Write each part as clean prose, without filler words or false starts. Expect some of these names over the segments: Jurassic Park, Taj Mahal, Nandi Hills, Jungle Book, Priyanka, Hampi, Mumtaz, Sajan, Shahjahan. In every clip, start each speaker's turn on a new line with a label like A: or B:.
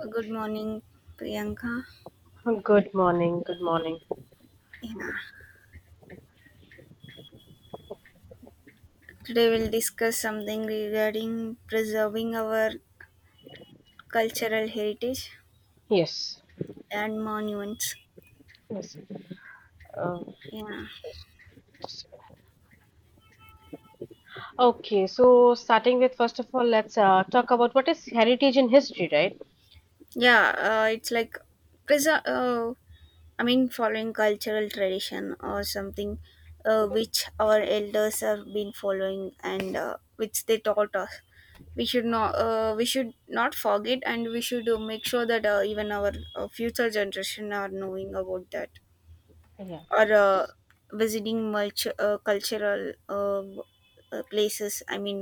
A: Good morning, Priyanka.
B: Good morning. Good morning.
A: Yeah. Today we'll discuss something regarding preserving our cultural heritage
B: Yes.
A: and monuments.
B: Yes. Uh,
A: Yeah.
B: just- just- okay. So, starting with first of all, let's talk about what is heritage in history, right?
A: Yeah, it's like preser- uh, following cultural tradition or something which our elders have been following and which they taught us. We should not forget, and we should make sure that even our future generation are knowing about that.
B: Yeah.
A: Or visiting much cultural places, I mean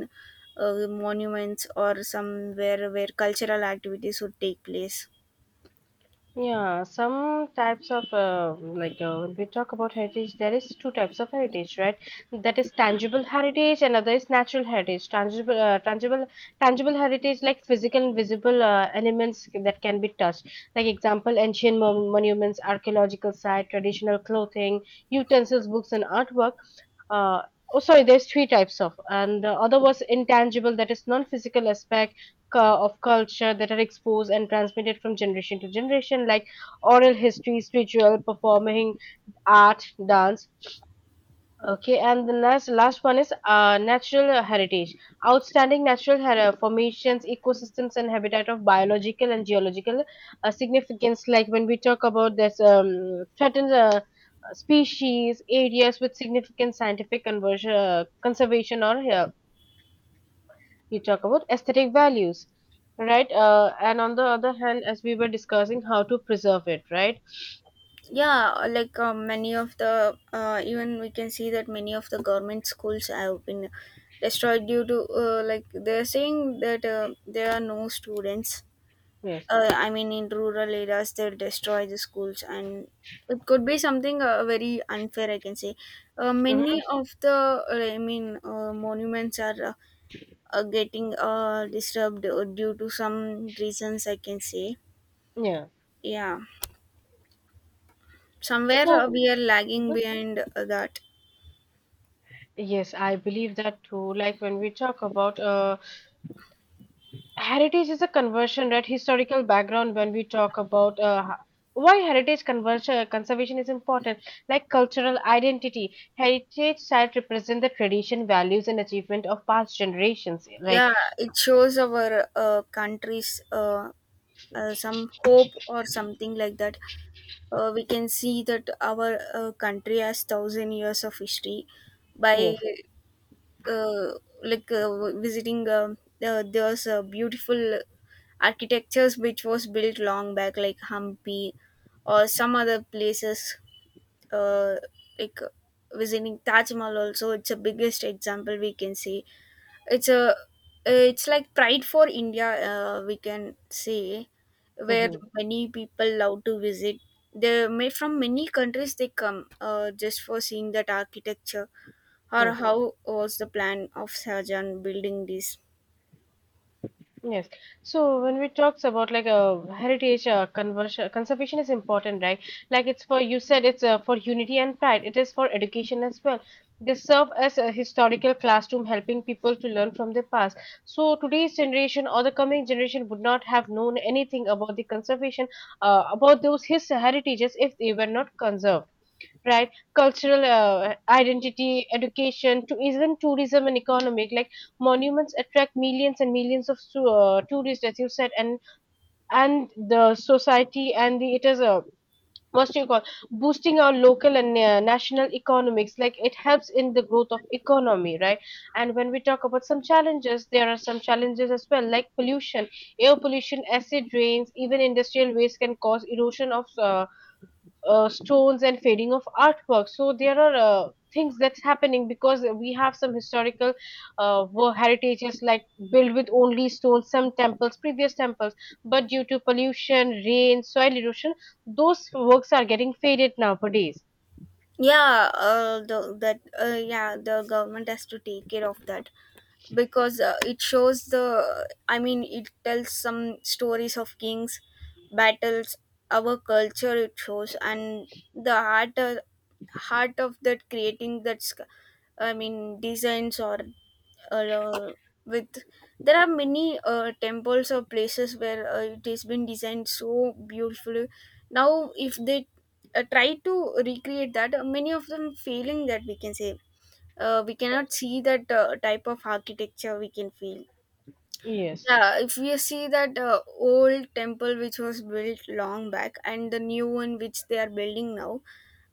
A: monuments or somewhere where cultural activities would take place.
B: Yeah, some types of like when we talk about heritage, there is two types of heritage, right? That is tangible heritage, another is natural heritage. Tangible heritage like physical and visible elements that can be touched. Like example, ancient monuments, archaeological site, traditional clothing, utensils, books, and artwork. Uh, oh, sorry, there's three types of, and the other was intangible, that is non-physical aspect of culture that are exposed and transmitted from generation to generation, like oral histories, ritual, performing art, dance. Okay, and the last one is natural heritage. Outstanding natural formations, ecosystems, and habitat of biological and geological significance. Like when we talk about this threatened species, areas with significant scientific conversion, conservation, or we talk about aesthetic values, right? And on the other hand, as we were discussing, how to preserve it, right?
A: Yeah, like many of the even we can see that many of the government schools have been destroyed due to like they're saying that there are no students,
B: Yes.
A: I mean, in rural areas, they destroy the schools, and it could be something very unfair, I can say.
B: Hmm.
A: Many of the I mean monuments are getting disturbed due to some reasons, I can say.
B: Yeah.
A: Yeah, somewhere
B: so
A: we are lagging
B: Mhm.
A: behind that.
B: Yes, I believe that too. Like when we talk about heritage is a conversion, right? Historical background, when we talk about why heritage conversion conservation is important, like cultural identity, heritage sites represent the tradition values and achievement of past generations, like
A: Yeah, it shows our country's some hope or something like that. We can see that our country has thousand years of history by
B: yes.
A: uh, like visiting. There's beautiful architectures which was built long back, like Hampi or some other places. Uh, like visiting Taj Mahal also, it's a biggest example we can see. It's a it's like pride for India, we can say, where
B: Hmm.
A: many people love to visit. They may from many countries they come, just for seeing that architecture, or how was the plan of Sajan building this.
B: Yes. So when we talks about like a heritage conversion, conservation is important, right? Like it's for, you said it's for unity and pride. It is for education as well. They serve as a historical classroom, helping people to learn from their past. So today's generation or the coming generation would not have known anything about the conservation, about those his heritages if they were not conserved, right? Cultural identity, education to even tourism and economic, like monuments attract millions and millions of tourists, as you said, and the society and the it is a, what do you call, boosting our local and national economics, like it helps in the growth of economy, right? And when we talk about some challenges, there are some challenges as well, like pollution, air pollution, acid rains, even industrial waste can cause erosion of stones and fading of artwork. So there are things that's happening because we have some historical heritages, like built with only stones, some temples, previous temples, but due to pollution, rain, soil erosion, those works are getting faded nowadays.
A: Yeah, the, that yeah the government has to take care of that because it shows the, I mean, it tells some stories of kings, battles, our culture it shows, and the heart of that creating that I mean designs or uh, with, there are many temples or places where it has been designed so beautifully. Now if they try to recreate that, many of them failing that we can say. Uh, we cannot see that type of architecture we can feel.
B: Yes,
A: Yeah, if we see that old temple which was built long back and the new one which they are building now,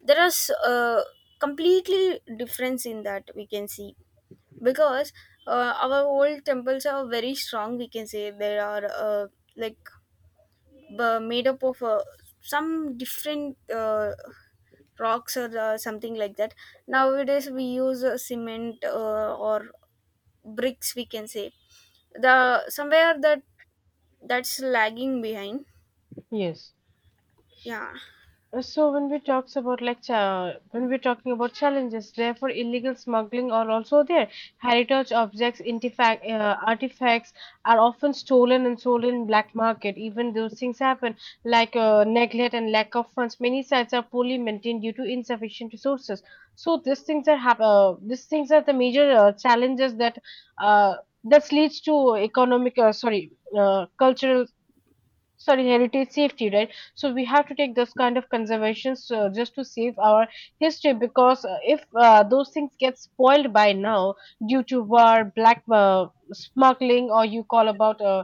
A: there are completely difference in that we can see, because our old temples are very strong, we can say. They are like made up of some different rocks or something like that. Nowadays we use cement or bricks we can say. The somewhere that that's lagging behind.
B: yes.
A: Yeah.
B: So when we talks about like when we're talking about challenges, therefore illegal smuggling are also there. Heritage objects, artifacts are often stolen and sold in black market. Even those things happen, like neglect and lack of funds. Many sites are poorly maintained due to insufficient resources. So these things are these things are the major challenges that uh, this leads to economic sorry, cultural, sorry, heritage safety, right? So we have to take this kind of conservations just to save our history because if those things get spoiled by now due to war, black smuggling, or you call about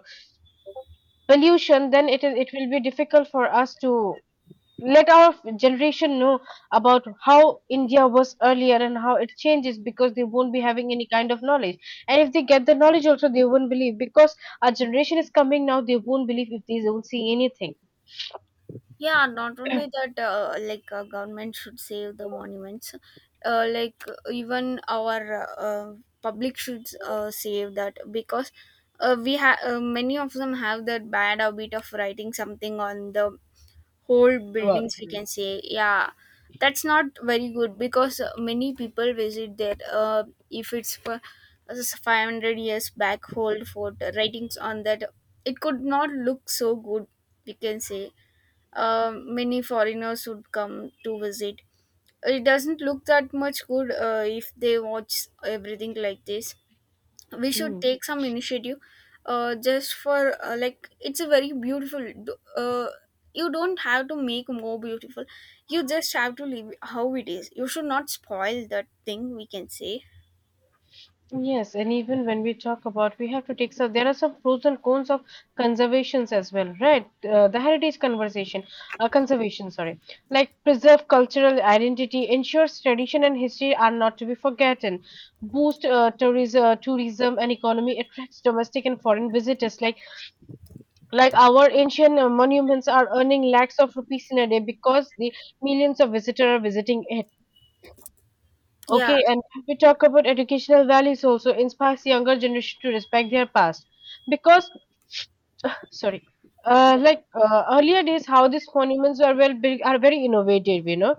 B: pollution, then it is, it will be difficult for us to let our generation know about how India was earlier and how it changes because they won't be having any kind of knowledge, and if they get the knowledge also, they won't believe because our generation is coming now, they won't believe if they don't see anything.
A: Yeah, not only that, like government should save the monuments, like even our public should save that, because we have many of them have that bad habit of writing something on the whole
B: Well,
A: buildings we
B: mm.
A: can say. Yeah, that's not very good because many people visit there. Uh, if it's for as 500 years back old fort, writings on that, it could not look so good, we can say. Uh, many foreigners would come to visit. It doesn't look that much good if they watch everything like this. We should
B: Mm.
A: take some initiative just for like it's a very beautiful you don't have to make more beautiful. You just have to leave how it is, you should not spoil that thing we can say.
B: Yes, and even when we talk about, we have to take, so there are some pros and cons of conservations as well, right? The heritage conversation, conservation, sorry, like preserve cultural identity, ensures tradition and history are not to be forgotten, boost tourism and economy, attracts domestic and foreign visitors. Like our ancient monuments are earning lakhs of rupees in a day because the millions of visitors are visiting it.
A: Yeah.
B: Okay, and if we talk about educational values, also inspires younger generation to respect their past because, sorry, like earlier days, how these monuments were well built are very innovative, you know.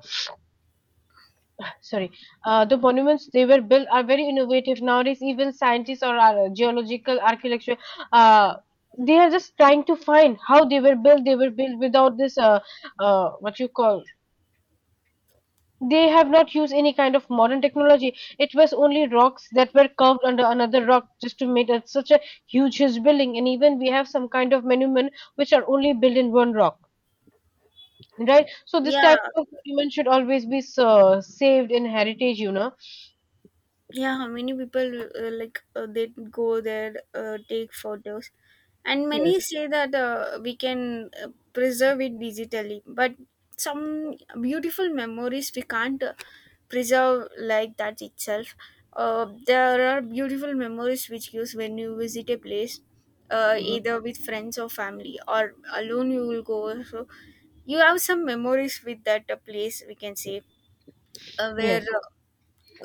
B: Sorry, the monuments they were built are very innovative nowadays, even scientists or geological archaeological uh, they are just trying to find how they were built, they were built without this what you call. They have not used any kind of modern technology. It was only rocks that were carved under another rock just to make it such a huge, huge building. And even we have some kind of monument which are only built in one rock, right? So this
A: Yeah,
B: type of monument should always be saved in heritage, you know.
A: yeah, many people, like they go there, take photos, and
B: Yes,
A: many say that we can preserve it digitally, but some beautiful memories we can't preserve like that itself. Uh, there are beautiful memories which gives when you visit a place, either with friends or family or alone you will go, so you have some memories with that place we can say. Where
B: yes,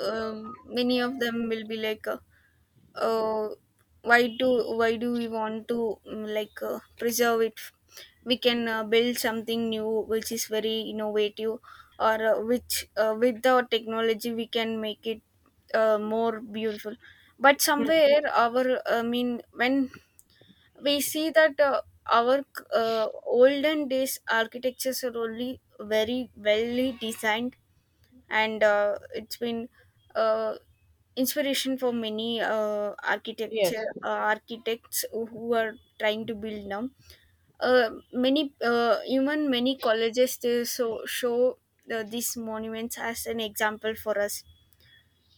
A: many of them will be like uh, why do we want to like preserve it. We can build something new which is very innovative, or which with the technology we can make it more beautiful. But
B: yes,
A: somewhere our, I mean when we see that our olden days architectures are only very well designed, and it's been uh, inspiration for many architecture
B: yes,
A: architects who are trying to build now. Uh, many even many colleges they show these monuments as an example for us.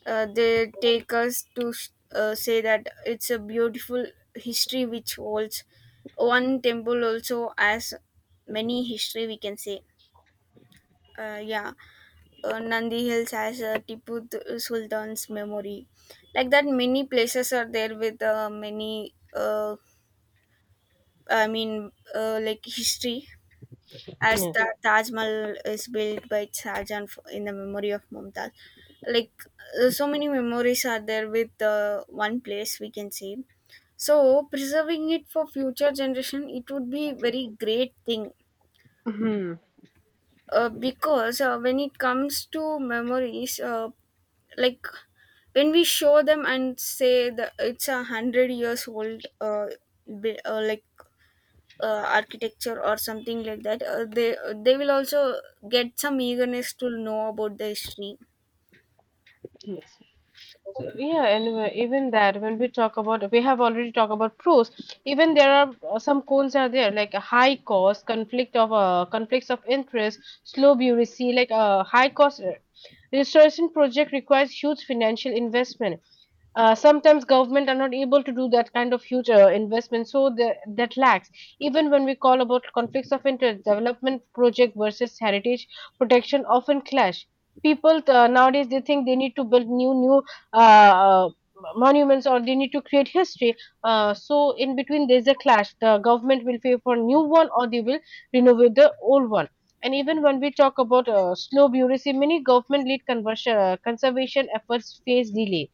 A: Uh, they take us to say that it's a beautiful history which holds one temple also, as many history we can say. uh, yeah Nandi Hills has Sultan's memory. Like that, many places are there with I mean, like history. As the
B: yes.
A: Taj Mahal is built by Shahjahan in the memory of Mumtaz. Like so many memories are there with one place we can say. So preserving it for future generation, it would be very great thing.
B: Hmm.
A: Because when it comes to memories, like when we show them and say that it's a 100 years old like architecture or something like that, they will also get some eagerness to know about the history.
B: Yes. Yeah, and even that, when we talk about, we have already talked about pros. Even there are some cons are there, like a high cost, conflict of conflicts of interest, slow bureaucracy, like a high cost. Restoration project requires huge financial investment. Sometimes government are not able to do that kind of huge investment, so that lacks. Even when we call about conflicts of interest, development project versus heritage protection often clash. People nowadays they think they need to build new uh, uh, monuments, or they need to create history, so in between there's a clash, the government will pay for new one or they will renovate the old one. And even when we talk about slow bureaucracy, many government lead conversion, conservation efforts face delay.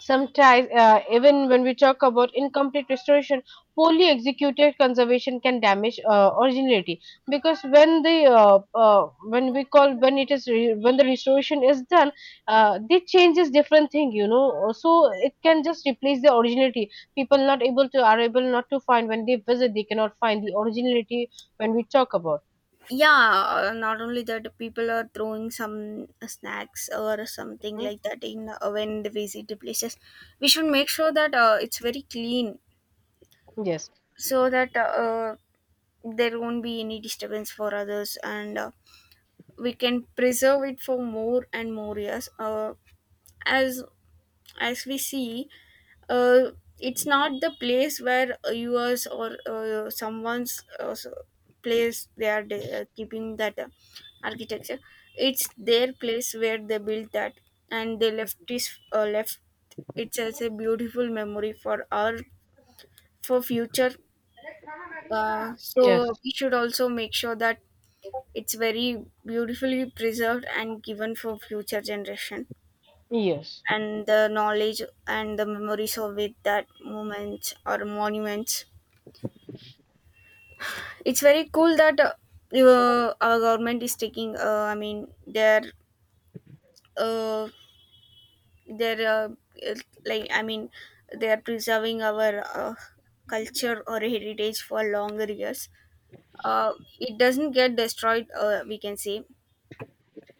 B: Sometimes, even when we talk about incomplete restoration, poorly executed conservation can damage originality, because when the when we call, when it is when the restoration is done, they changes different thing, you know. So it can just replace the originality. People not able to, are able not to find when they visit, they cannot find the originality when we talk about.
A: Yeah, not only that, people are throwing some snacks or something
B: Mhm.
A: like that in when they visit the places. We should make sure that it's very clean,
B: Yes,
A: so that there won't be any disturbance for others, and we can preserve it for more and more years. As as we see, uh, it's not the place where yours or someone's place they are keeping that architecture. It's their place where they built that, and they left this left it as a beautiful memory for our, for future.
B: yes,
A: So we should also make sure that it's very beautifully preserved and given for future generation.
B: yes.
A: And the knowledge and the memories of it, that moments or monuments. It's very cool that our government is taking. I mean, they're uh, they're uh, uh, like I mean, they are preserving our culture or heritage for longer years. Uh, it doesn't get destroyed, uh, we can say.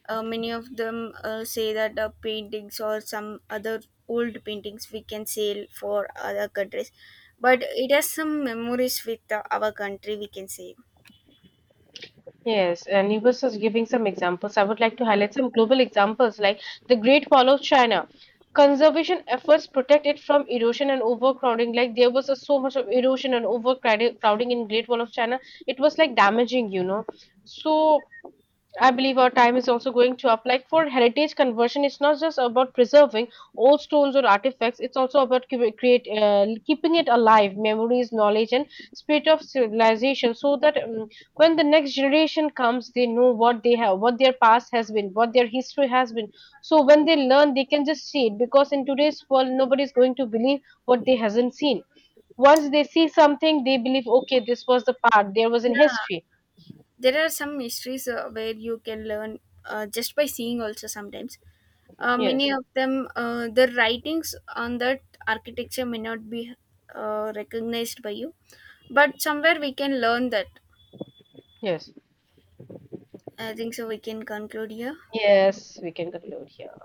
A: Many of them say that paintings or some other old paintings we can sell for other countries, but it has some memories with our country, we can say.
B: Yes, and he was just giving some examples. I would like to highlight some global examples like the Great Wall of China. Conservation efforts protect it from erosion and overcrowding. Like there was a so much of erosion and overcrowding crowding in Great Wall of China. It was like damaging, you know. So I believe our time is also going to up. Like for heritage conversion, it's not just about preserving old stones or artifacts. It's also about create, keeping it alive, memories, knowledge, and spirit of civilization, so that when the next generation comes, they know what they have, what their past has been, what their history has been. So when they learn, they can just see it. Because in today's world, nobody is going to believe what they hasn't seen. Once they see something, they believe, okay, this was the part. There was in
A: Yeah,
B: history.
A: there are some mysteries where you can learn just by seeing also sometimes. Many
B: Yes.
A: of them, the writings on that architecture may not be recognized by you, but somewhere we can learn that.
B: Yes.
A: I think so. We can conclude here.
B: Yes, we can conclude here.